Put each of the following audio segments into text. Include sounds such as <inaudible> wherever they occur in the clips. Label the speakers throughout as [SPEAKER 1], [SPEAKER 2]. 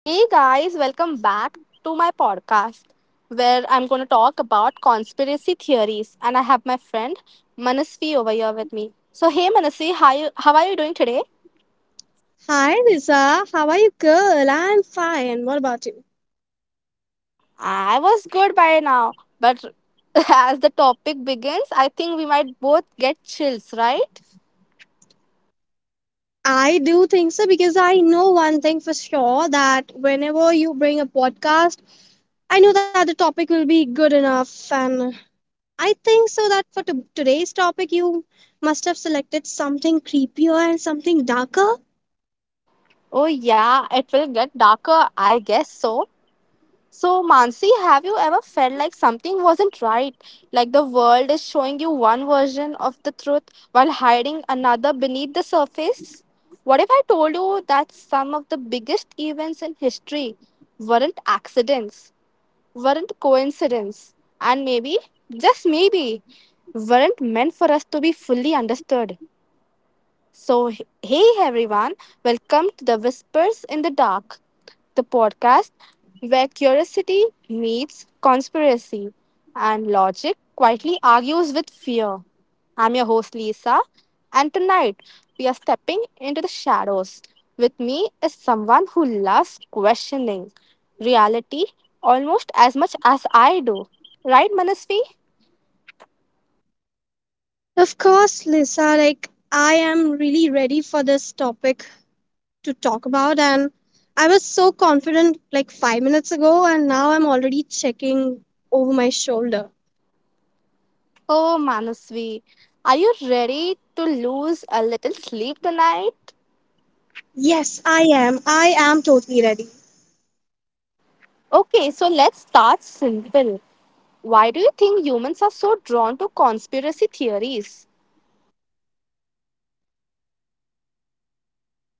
[SPEAKER 1] Hey guys, welcome back to my podcast where I'm going to talk about conspiracy theories and I have my friend Manasvi over here with me. So hey Manasvi, how are you doing today?
[SPEAKER 2] Hi, Lisa. How are you, girl? I'm fine. What about you?
[SPEAKER 1] I was good by now, but <laughs> as the topic begins, I think we might both get chills, right?
[SPEAKER 2] I do think so because I know one thing for sure that whenever you bring a podcast, I know that the topic will be good enough. And I think so that for today's topic, you must have selected something creepier and something darker.
[SPEAKER 1] Oh yeah, it will get darker, I guess so. So, Mansi, have you ever felt like something wasn't right? Like the world is showing you one version of the truth while hiding another beneath the surface? What if I told you that some of the biggest events in history weren't accidents, weren't coincidence, and maybe, just maybe, weren't meant for us to be fully understood? So, hey everyone, welcome to the Whispers in the Dark, the podcast where curiosity meets conspiracy and logic quietly argues with fear. I'm your host Lisa, and tonight we are stepping into the shadows. With me is someone who loves questioning reality almost as much as I do. Right, Manasvi?
[SPEAKER 2] Of course, Lisa, like I am really ready for this topic. To talk about. And I was so confident like 5 minutes ago, and now I'm already checking over my shoulder.
[SPEAKER 1] Oh, Manasvi, are you ready to lose a little sleep tonight?
[SPEAKER 2] Yes, I am. I am totally ready.
[SPEAKER 1] Okay, so let's start simple. Why do you think humans are so drawn to conspiracy theories?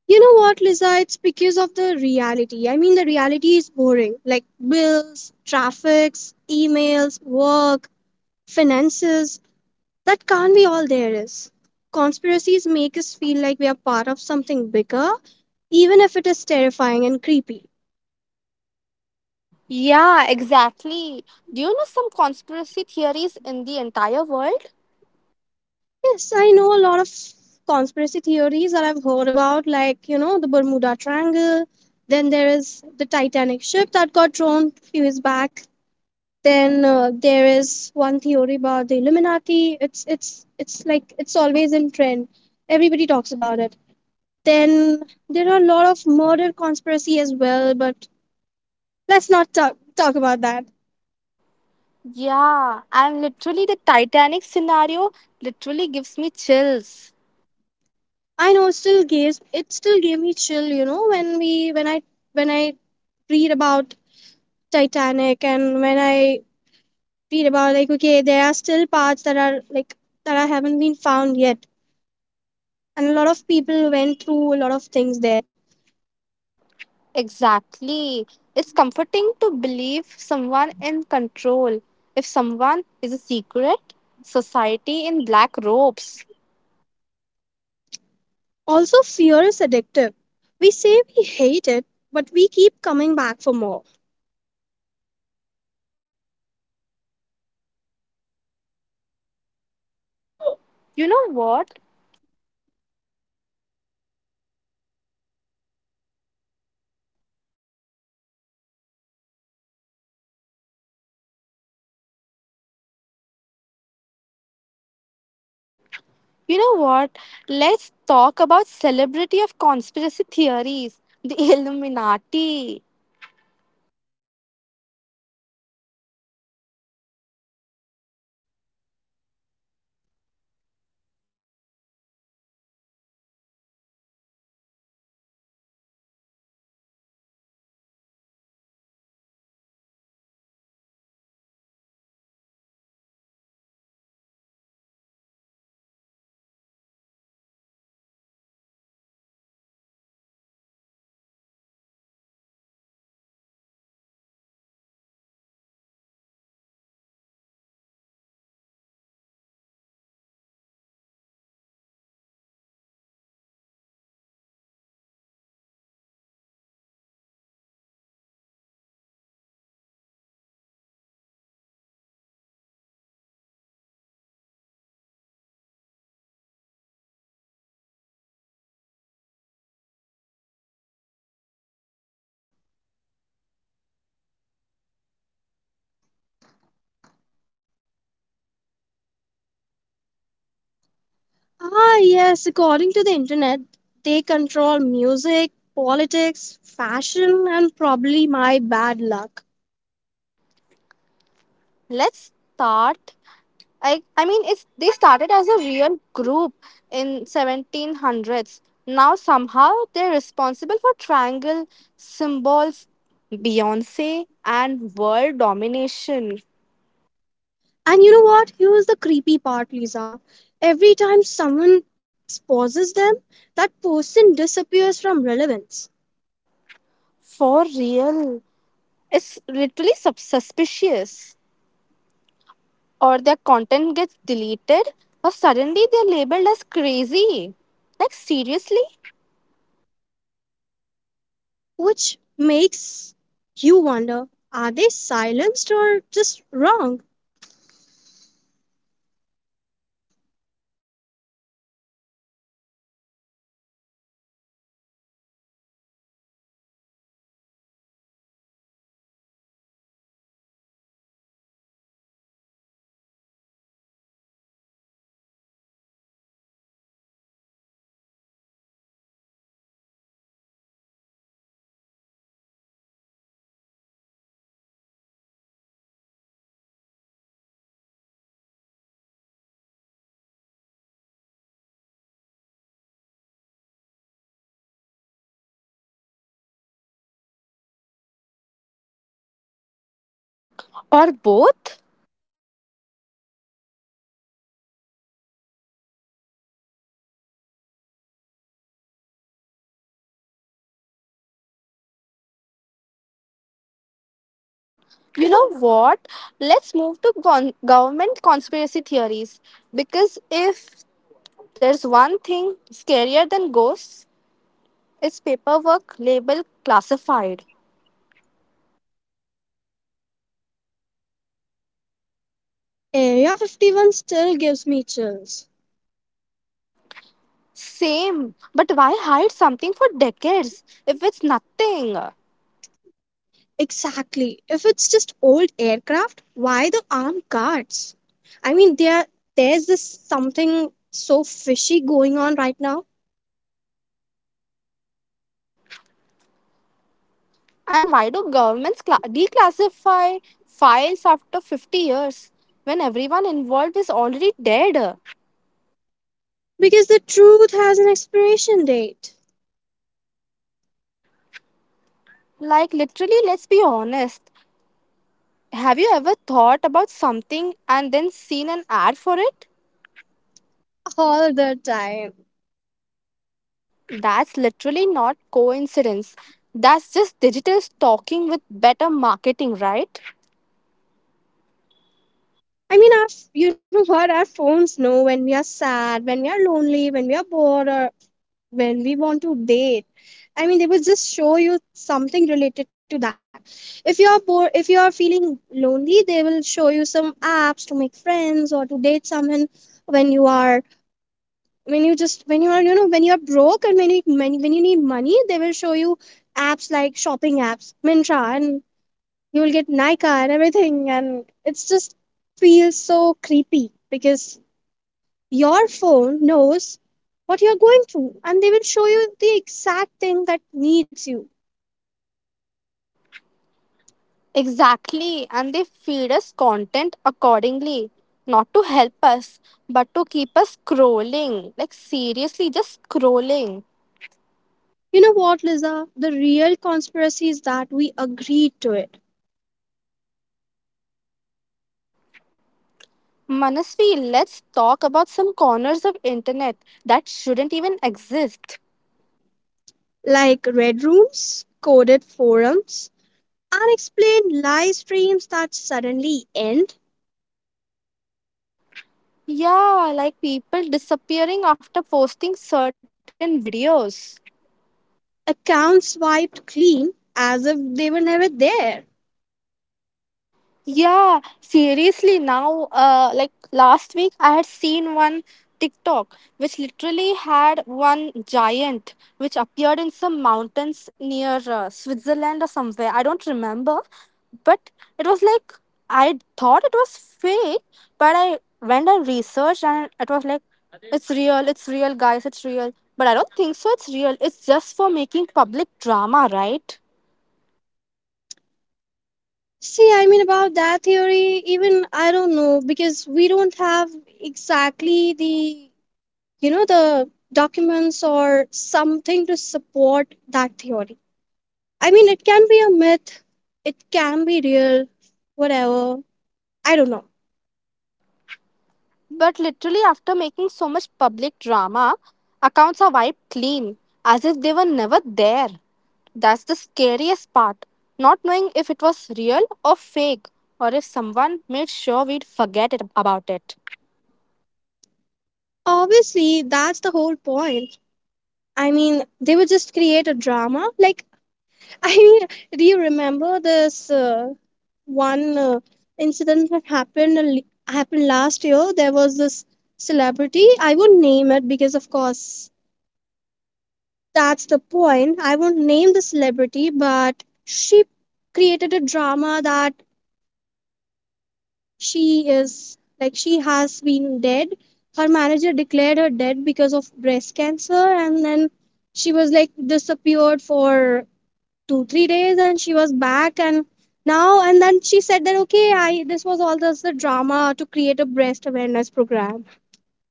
[SPEAKER 2] You know what, Lisa? It's because of the reality. I mean, the reality is boring like bills, traffics, emails, work, finances. That can't be all there is. Conspiracies make us feel like we are part of something bigger, even if it is terrifying and creepy.
[SPEAKER 1] Yeah, exactly. Do you know some conspiracy theories in the entire world?
[SPEAKER 2] Yes, I know a lot of conspiracy theories that I've heard about, like, you know, the Bermuda Triangle. Then there is the Titanic ship that got drowned a few years back. Then there is one theory about the Illuminati. It's like it's always in trend. Everybody talks about it. Then there are a lot of murder conspiracy as well, but let's not talk about that.
[SPEAKER 1] Yeah, and literally the Titanic scenario literally gives me chills.
[SPEAKER 2] I know it still gave me chill, you know, when I read about Titanic, and when I read about like okay, there are still parts that are like that I haven't been found yet, and a lot of people went through a lot of things there.
[SPEAKER 1] Exactly. It's comforting to believe someone in control. If someone is a secret, society in black robes.
[SPEAKER 2] Also, fear is addictive. We say we hate it, but we keep coming back for more.
[SPEAKER 1] You know what? You know what? Let's talk about celebrity of conspiracy theories, the <laughs> Illuminati.
[SPEAKER 2] Ah, yes, according to the internet, they control music, politics, fashion, and probably my bad luck.
[SPEAKER 1] Let's start I mean it's they started as a real group in 1700s. Now somehow they're responsible for triangle symbols, Beyonce and world domination
[SPEAKER 2] And you know what? Here's the creepy part, Lisa. Every time someone exposes them, that person disappears from relevance,
[SPEAKER 1] for real. It's literally suspicious. Or their content gets deleted, or suddenly they're labeled as crazy. Like seriously?
[SPEAKER 2] which makes you wonder, are they silenced or just wrong?
[SPEAKER 1] Or both? You know what? Let's move to government conspiracy theories because if there's one thing scarier than ghosts it's paperwork labeled classified.
[SPEAKER 2] Area 51 still gives me chills.
[SPEAKER 1] Same, but why hide something for decades if it's nothing?
[SPEAKER 2] Exactly. If it's just old aircraft, why the armed guards? I mean, there's this something so fishy going on right now
[SPEAKER 1] And why do governments declassify files after 50 years when everyone involved is already dead?
[SPEAKER 2] because the truth has an expiration date.
[SPEAKER 1] Like, literally, let's be honest. Have you ever thought about something and then seen an ad for it?
[SPEAKER 2] All the time.
[SPEAKER 1] That's literally not coincidence. That's just digital stalking with better marketing, right?
[SPEAKER 2] I mean, you know what? Our phones know when we are sad, when we are lonely, when we are bored, or when we want to date. I mean, they will just show you something related to that. If you are bored, if you are feeling lonely, they will show you some apps to make friends or to date someone. When you are, when you just, when you are, you know, When you are broke and when you need money, they will show you apps like shopping apps, Mintra, and you will get Nika and everything, and it's just feels so creepy because your phone knows what you're going through and they will show you the exact thing that needs you.
[SPEAKER 1] Exactly. And they feed us content accordingly. Not to help us, but to keep us scrolling. Like, seriously, just scrolling.
[SPEAKER 2] You know what, Liza? The real conspiracy is that we agreed to it.
[SPEAKER 1] Manasvi, let's talk about some corners of internet that shouldn't even exist.
[SPEAKER 2] Like red rooms, coded forums, unexplained live streams that suddenly end,
[SPEAKER 1] Yeah, like people disappearing after posting certain videos.
[SPEAKER 2] accounts wiped clean as if they were never there.
[SPEAKER 1] Yeah, seriously, now, like last week, I had seen one TikTok which literally had one giant which appeared in some mountains near Switzerland or somewhere. I don't remember, but it was like I thought it was fake, but I went and researched and it was like it's real, guys, it's real. But I don't think so, it's real. It's just for making public drama, right?
[SPEAKER 2] See, I mean, about that theory, even I don't know because we don't have exactly you know, the documents or something to support that theory. I mean, it can be a myth, it can be real, whatever. I don't know.
[SPEAKER 1] But literally, after making so much public drama, accounts are wiped clean as if they were never there. That's the scariest part. Not knowing if it was real or fake, or if someone made sure we'd forget it, about it.
[SPEAKER 2] Obviously, that's the whole point. I mean, they would just create a drama. Like, <laughs> I mean, do you remember this? One incident that happened happened last year. There was this celebrity. I won't name it because of course that's the point. I won't name the celebrity, but she created a drama that she is like she has been dead. Her manager declared her dead because of breast cancer, and then she was like disappeared for 2 3 days, and she was back. And now and then she said that, okay, I this was all just the drama to create a breast awareness program.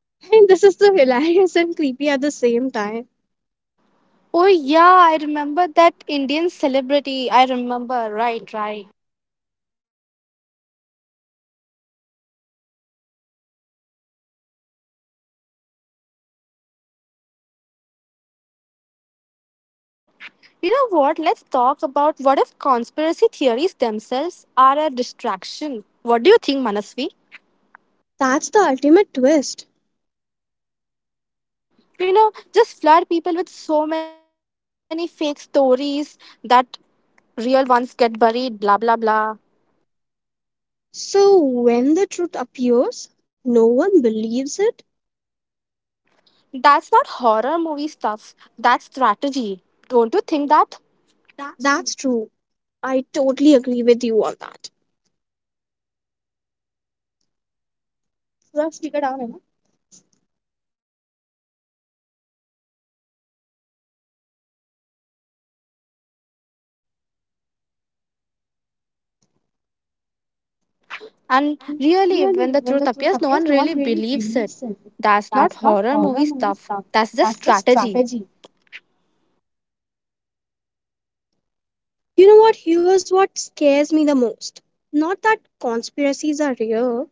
[SPEAKER 2] <laughs> And this is so hilarious and creepy at the same time.
[SPEAKER 1] Oh, yeah, I remember that Indian celebrity. I remember, right, right. You know what? Let's talk about what if conspiracy theories themselves are a distraction. What do you think, Manasvi?
[SPEAKER 2] That's the ultimate twist,
[SPEAKER 1] You know, just flood people with so many fake stories that real ones get buried, blah blah blah.
[SPEAKER 2] so when the truth appears, no one believes it.
[SPEAKER 1] That's not horror movie stuff, that's strategy. Don't you think that that's true?
[SPEAKER 2] That's true. I totally agree with you on that. So that's figured out, Emma.
[SPEAKER 1] And
[SPEAKER 2] And
[SPEAKER 1] really, when
[SPEAKER 2] really,
[SPEAKER 1] the
[SPEAKER 2] when
[SPEAKER 1] truth
[SPEAKER 2] the truth
[SPEAKER 1] appears, no one
[SPEAKER 2] appears, no
[SPEAKER 1] really
[SPEAKER 2] one really
[SPEAKER 1] believes it.
[SPEAKER 2] believes it.
[SPEAKER 1] That's not
[SPEAKER 2] That's not
[SPEAKER 1] horror movie
[SPEAKER 2] horror movie
[SPEAKER 1] stuff,
[SPEAKER 2] stuff.
[SPEAKER 1] that's just
[SPEAKER 2] That's just
[SPEAKER 1] strategy.
[SPEAKER 2] strategy. You know what? Here's what scares me the most. Not that conspiracies are real,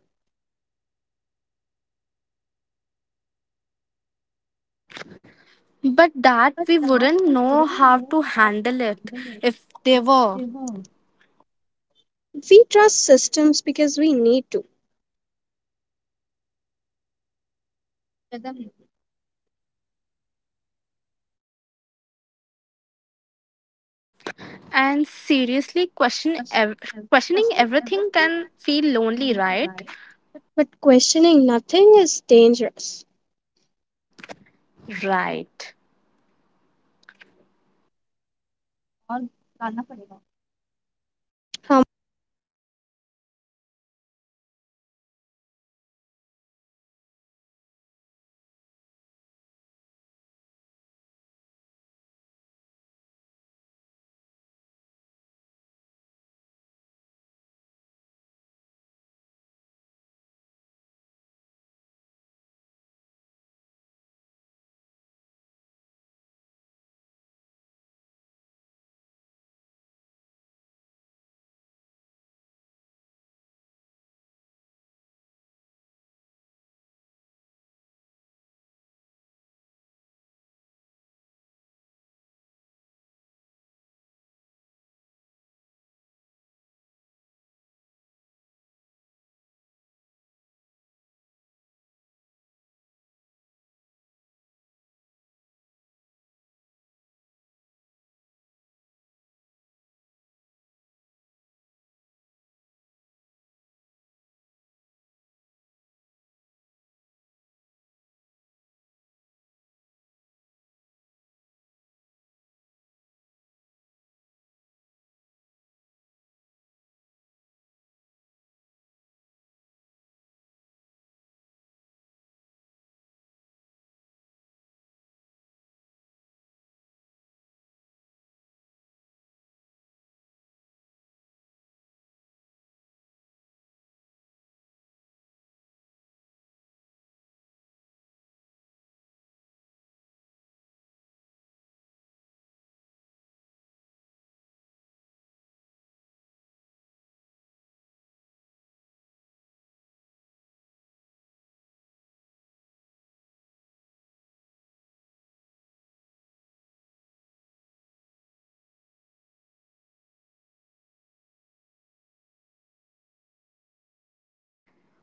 [SPEAKER 1] But
[SPEAKER 2] but
[SPEAKER 1] that we
[SPEAKER 2] that we
[SPEAKER 1] wouldn't know
[SPEAKER 2] wouldn't
[SPEAKER 1] how
[SPEAKER 2] know
[SPEAKER 1] to
[SPEAKER 2] how to
[SPEAKER 1] handle it
[SPEAKER 2] handle it
[SPEAKER 1] if they
[SPEAKER 2] if
[SPEAKER 1] were.
[SPEAKER 2] they were. We trust systems because we need to,
[SPEAKER 1] And seriously, question questioning everything can feel lonely, right?
[SPEAKER 2] but questioning nothing is dangerous.
[SPEAKER 1] Right.
[SPEAKER 2] Um,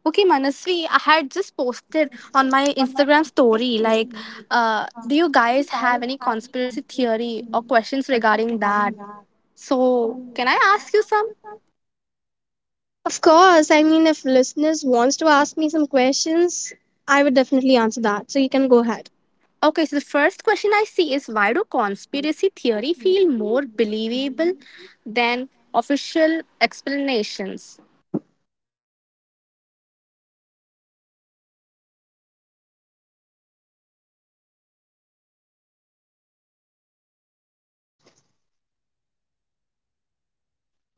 [SPEAKER 1] Okay, Manasvi, I had just posted on my Instagram story like, do you guys have any conspiracy theory or questions regarding that? So, can I ask you some?
[SPEAKER 2] of course, I mean, if listeners wants to ask me some questions, I would definitely answer that. So you can go ahead.
[SPEAKER 1] Okay, so the first question I see is why do conspiracy theory feel more believable than official explanations?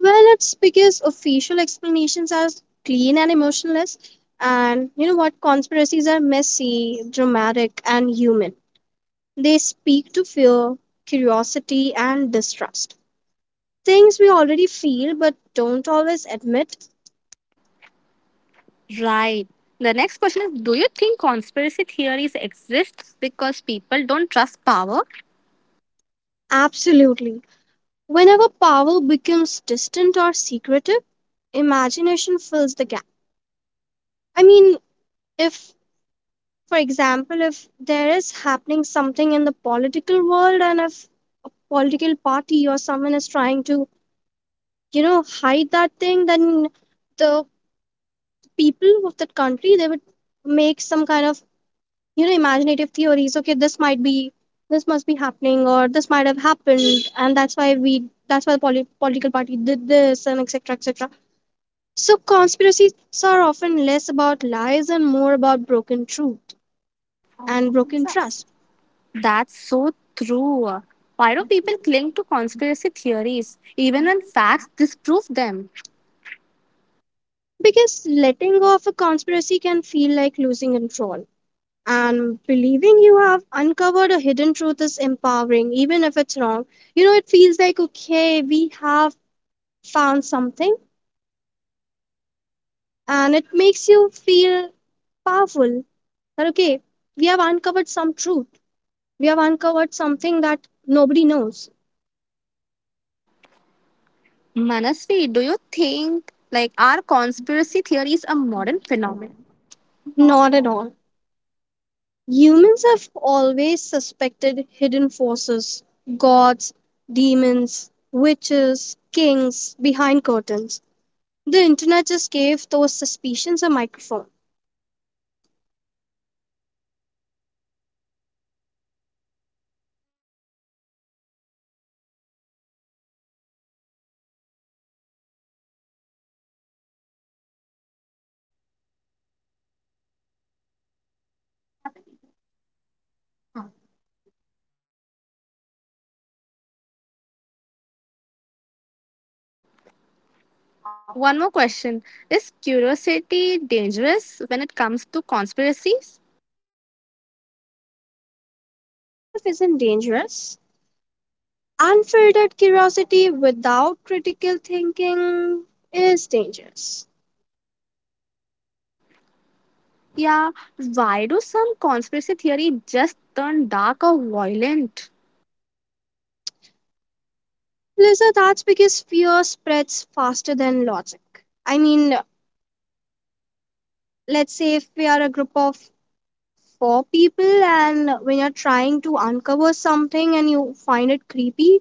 [SPEAKER 2] Well, it's because official explanations are clean and emotionless. And you know what? Conspiracies are messy, dramatic, and human. They speak to fear, curiosity, and distrust. Things we already feel but don't always admit.
[SPEAKER 1] Right. The next question is do you think conspiracy theories exist because people don't trust power?
[SPEAKER 2] Absolutely. Whenever power becomes distant or secretive, imagination fills the gap. I mean, if For example, if there is happening something in the political world, and if a political party or someone is trying to, you know, hide that thing, then the people of that country, they would make some kind of, you know, imaginative theories. Okay, this must be happening, or this might have happened, and that's why we that's why the political party did this and etc etc. So conspiracies are often less about lies and more about broken truth and broken trust.
[SPEAKER 1] That's so true. Why do people cling to conspiracy theories even when facts disprove them?
[SPEAKER 2] Because letting go of a conspiracy can feel like losing control. And believing you have uncovered a hidden truth is empowering, even if it's wrong. You know, it feels like, okay, we have found something, and it makes you feel powerful that, okay, we have uncovered some truth. We have uncovered something that nobody knows.
[SPEAKER 1] Manasvi, do you think like are conspiracy theories a modern phenomenon?
[SPEAKER 2] Not at all. Humans have always suspected hidden forces, gods, demons, witches, kings behind curtains. The internet just gave those suspicions a microphone.
[SPEAKER 1] One more question. Is curiosity dangerous when it comes to conspiracies?
[SPEAKER 2] Mm, curiosity itself isn't dangerous. Unfiltered curiosity without critical thinking is dangerous.
[SPEAKER 1] Yeah, why do some conspiracy theory just turn dark or violent?
[SPEAKER 2] Lisa, that's because fear spreads faster than logic. I mean, let's say if we are a group of for people, and when you're trying to uncover something and you find it creepy,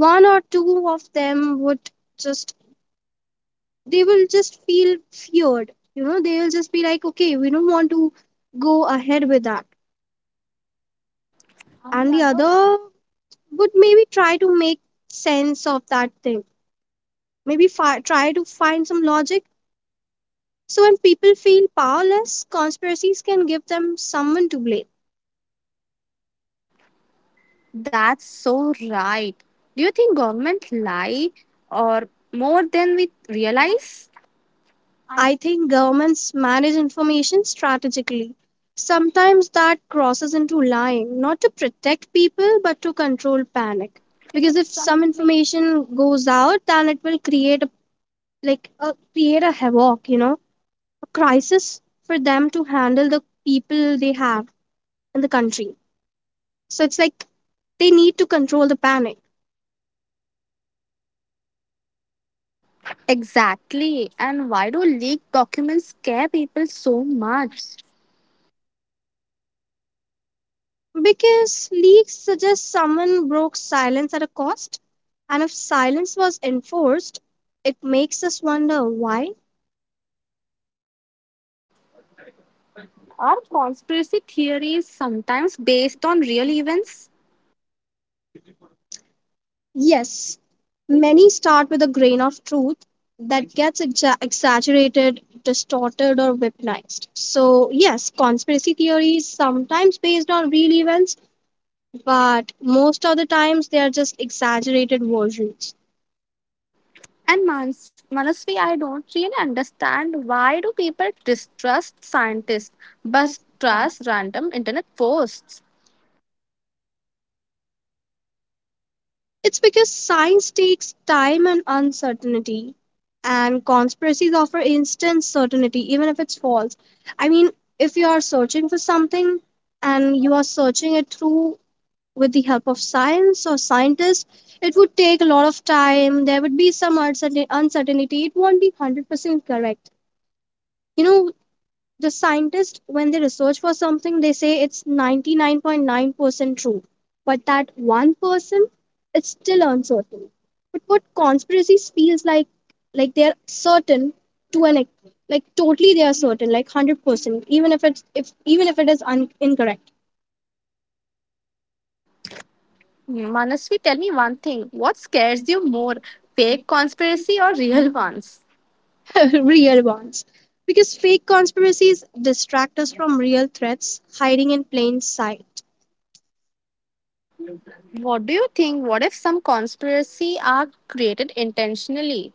[SPEAKER 2] one or two of them would just they will just feel feared you know, they will just be like, okay, we don't want to go ahead with that. And the other would maybe try to make sense of that thing, maybe try to find some logic. So when people feel powerless, conspiracies can give them someone to blame.
[SPEAKER 1] That's so right. Do you think government lie or more than we realize?
[SPEAKER 2] I think governments manage information strategically. Sometimes that crosses into lying, not to protect people, but to control panic. Because if some information goes out, then it will create a create a havoc, you know, a crisis for them to handle the people they have in the country. So it's like they need to control the panic.
[SPEAKER 1] Exactly. And why do leaked documents scare people so much?
[SPEAKER 2] Because leaks suggest someone broke silence at a cost, and if silence was enforced, it makes us wonder why.
[SPEAKER 1] Are conspiracy theories sometimes based on real events?
[SPEAKER 2] Yes, many start with a grain of truth that gets exaggerated, distorted, or weaponized. So, yes, conspiracy theories sometimes based on real events, but most of the times they are just exaggerated versions.
[SPEAKER 1] And Manasvi, I don't really understand why do people distrust scientists but trust random internet posts?
[SPEAKER 2] It's because science takes time and uncertainty, and conspiracies offer instant certainty, even if it's false. I mean, if you are searching for something and you are searching it through with the help of science or scientists, it would take a lot of time. There would be some uncertainty. It won't be 100% correct. You know, the scientists, when they research for something, they say it's 99.9% true, but that 1%, it's still uncertain. But what conspiracies feels like they're certain like totally they are certain, like 100%, even if it's if even if it is incorrect.
[SPEAKER 1] Manasvi, tell me one thing. What scares you more, fake conspiracy or real ones?
[SPEAKER 2] <laughs> Real ones, because fake conspiracies distract us from real threats hiding in plain sight.
[SPEAKER 1] What do you think? What if some conspiracy are created intentionally?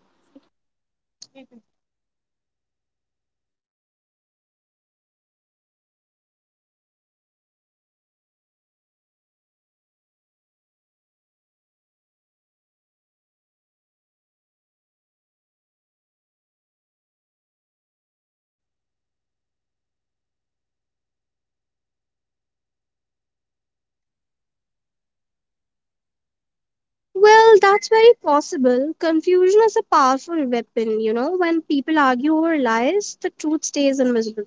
[SPEAKER 2] Well, that's very possible. Confusion is a powerful weapon, you know. When people argue over lies, the truth stays invisible.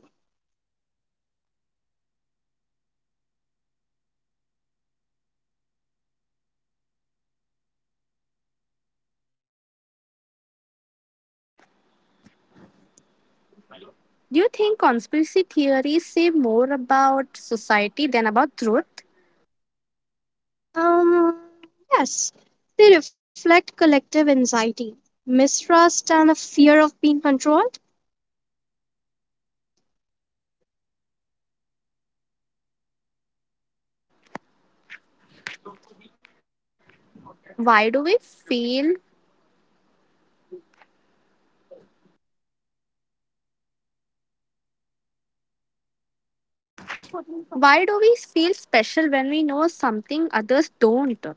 [SPEAKER 1] Do you think conspiracy theories say more about society than about truth?
[SPEAKER 2] Um, yes, they reflect collective anxiety, mistrust, and a fear of being controlled.
[SPEAKER 1] Why do we feel why do we feel special when we know something others don't?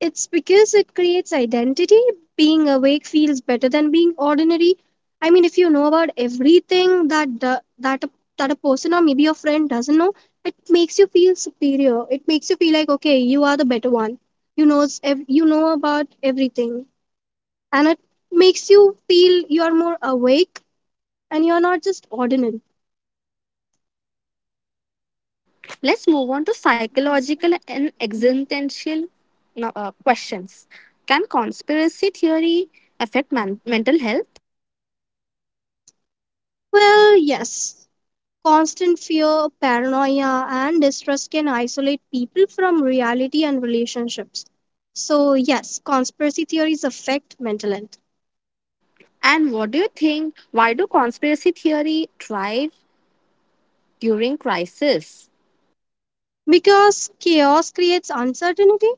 [SPEAKER 2] It's because it creates identity. Being awake feels better than being ordinary. I mean, if you know about everything that that a person or maybe your friend doesn't know, it makes you feel superior. It makes you feel like, okay, you are the better one. You know about everything, and it makes you feel you are more awake and you are not just ordinary.
[SPEAKER 1] Let's move on to psychological and existential no, questions. Can conspiracy theory affect mental health?
[SPEAKER 2] Well, yes, constant fear, paranoia, and distrust can isolate people from reality and relationships. So, yes, conspiracy theories affect mental health
[SPEAKER 1] And what do you think? Why do conspiracy theory thrive during crisis?
[SPEAKER 2] because chaos creates uncertainty,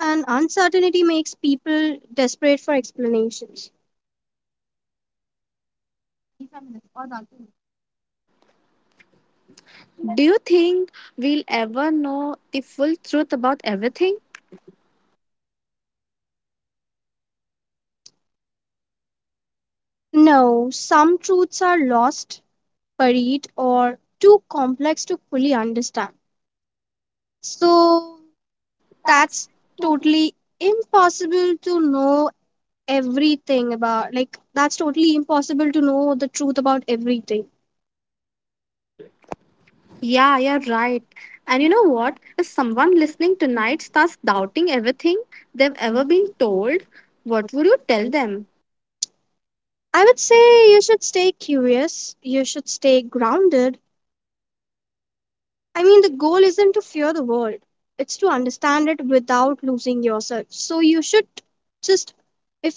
[SPEAKER 2] and uncertainty makes people desperate for explanations.
[SPEAKER 1] Do you think we'll ever know the full truth about everything?
[SPEAKER 2] No, some truths are lost, buried, or too complex to fully understand. So,
[SPEAKER 1] That's
[SPEAKER 2] that's
[SPEAKER 1] too.
[SPEAKER 2] totally impossible to know everything about, like that's totally impossible to know the truth about everything.
[SPEAKER 1] Yeah, you're right. And you know what? If someone listening tonight starts doubting everything they've ever been told, what would you tell them?
[SPEAKER 2] I would say you should stay curious, you should stay grounded. I mean, the goal isn't to fear the world, it's to understand it without losing yourself. So you should just if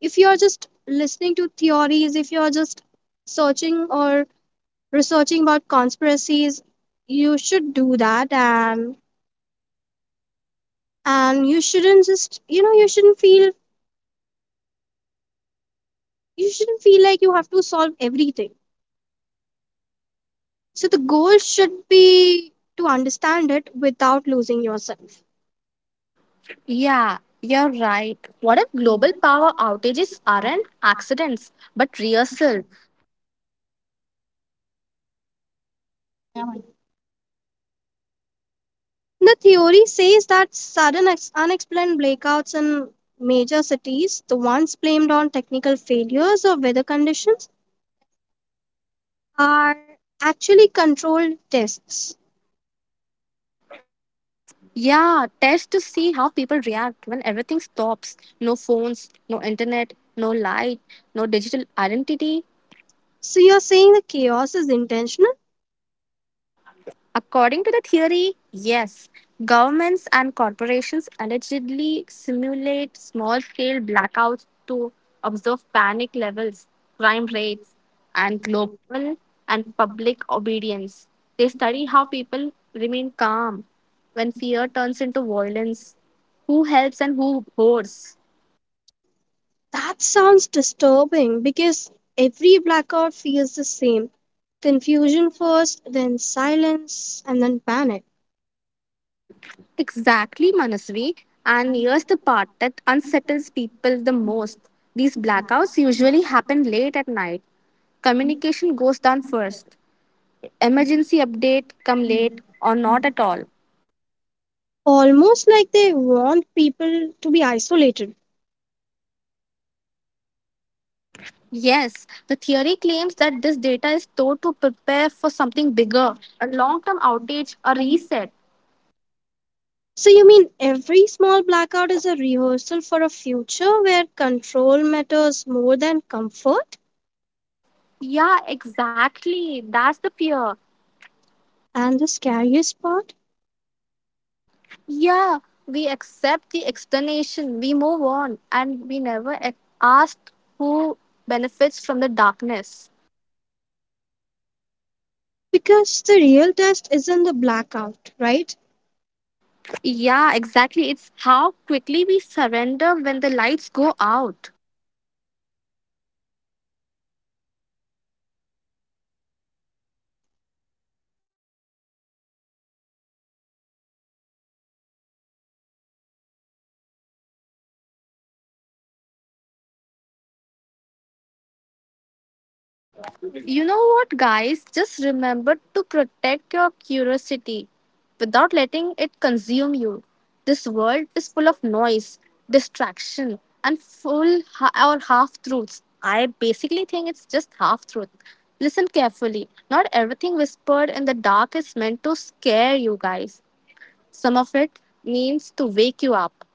[SPEAKER 2] if you're just listening to theories, if you're just searching or researching about conspiracies, you should do that. And you shouldn't just, you know, you shouldn't feel like you have to solve everything. So the goal should be to understand it without losing yourself.
[SPEAKER 1] Yeah, you're right. What if global power outages aren't accidents but rehearsal?
[SPEAKER 2] The theory says that sudden unexplained blackouts in major cities, the ones blamed on technical failures or weather conditions, are actually controlled tests.
[SPEAKER 1] Yeah, test to see how people react when everything stops. No phones, no internet, no light, no digital identity.
[SPEAKER 2] So you're saying the chaos is intentional?
[SPEAKER 1] According to the theory, yes, governments and corporations allegedly simulate small scale blackouts to observe panic levels, crime rates, and global and public obedience. They study how people remain calm when fear turns into violence, who helps and who hoards.
[SPEAKER 2] That sounds disturbing because every blackout feels the same: confusion first, then silence, and then panic.
[SPEAKER 1] Exactly, Manasvi. And here's the part that unsettles people the most. These blackouts usually happen late at night. Communication goes down first. Emergency update come late or not at all.
[SPEAKER 2] Almost like they want people to be isolated.
[SPEAKER 1] Yes, the theory claims that this data is stored to prepare for something bigger, a long term outage, a reset.
[SPEAKER 2] So, you mean every small blackout is a rehearsal for a future where control matters more than comfort?
[SPEAKER 1] Yeah, exactly. That's the fear.
[SPEAKER 2] And the scariest part?
[SPEAKER 1] Yeah, we accept the explanation, we move on, and we never ask who benefits from the darkness.
[SPEAKER 2] Because the real test isn't the blackout, right?
[SPEAKER 1] Yeah, exactly. It's how quickly we surrender when the lights go out. You know what, guys? Just remember to protect your curiosity without letting it consume you. This world is full of noise, distraction, and full or half truths. I basically think it's just half truth. Listen carefully. Not everything whispered in the dark is meant to scare you guys. Some of it means to wake you up.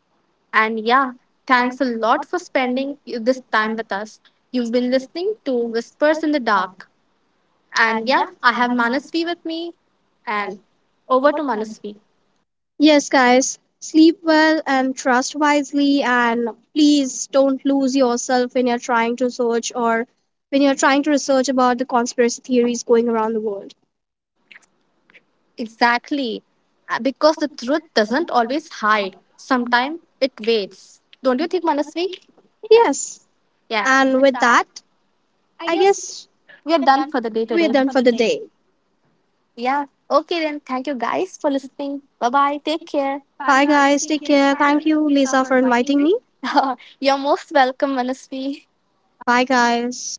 [SPEAKER 1] And yeah, thanks a lot for spending this time with us. You've been listening to Whispers in the Dark. And yeah, I have Manasvi with me. And over to Manasvi.
[SPEAKER 2] Yes, guys, sleep well and trust wisely, and please don't lose yourself when you're trying to search or when you're trying to research about the conspiracy theories going around the world.
[SPEAKER 1] Exactly. Because the truth doesn't always hide, sometimes it waits. Don't you think, Manasvi?
[SPEAKER 2] Yes,
[SPEAKER 1] Yeah. And
[SPEAKER 2] and
[SPEAKER 1] with
[SPEAKER 2] with
[SPEAKER 1] that,
[SPEAKER 2] that, I guess
[SPEAKER 1] we are done for the day today.
[SPEAKER 2] we're
[SPEAKER 1] Done
[SPEAKER 2] done
[SPEAKER 1] for
[SPEAKER 2] for
[SPEAKER 1] the
[SPEAKER 2] the
[SPEAKER 1] day.
[SPEAKER 2] day.
[SPEAKER 1] Yeah. Okay, then. Thank you guys for listening. Bye bye. Take care.
[SPEAKER 2] Bye, guys. Take care. Thank you, Lisa, for inviting me.
[SPEAKER 1] <laughs> You're most welcome, Manasvi.
[SPEAKER 2] Bye, guys.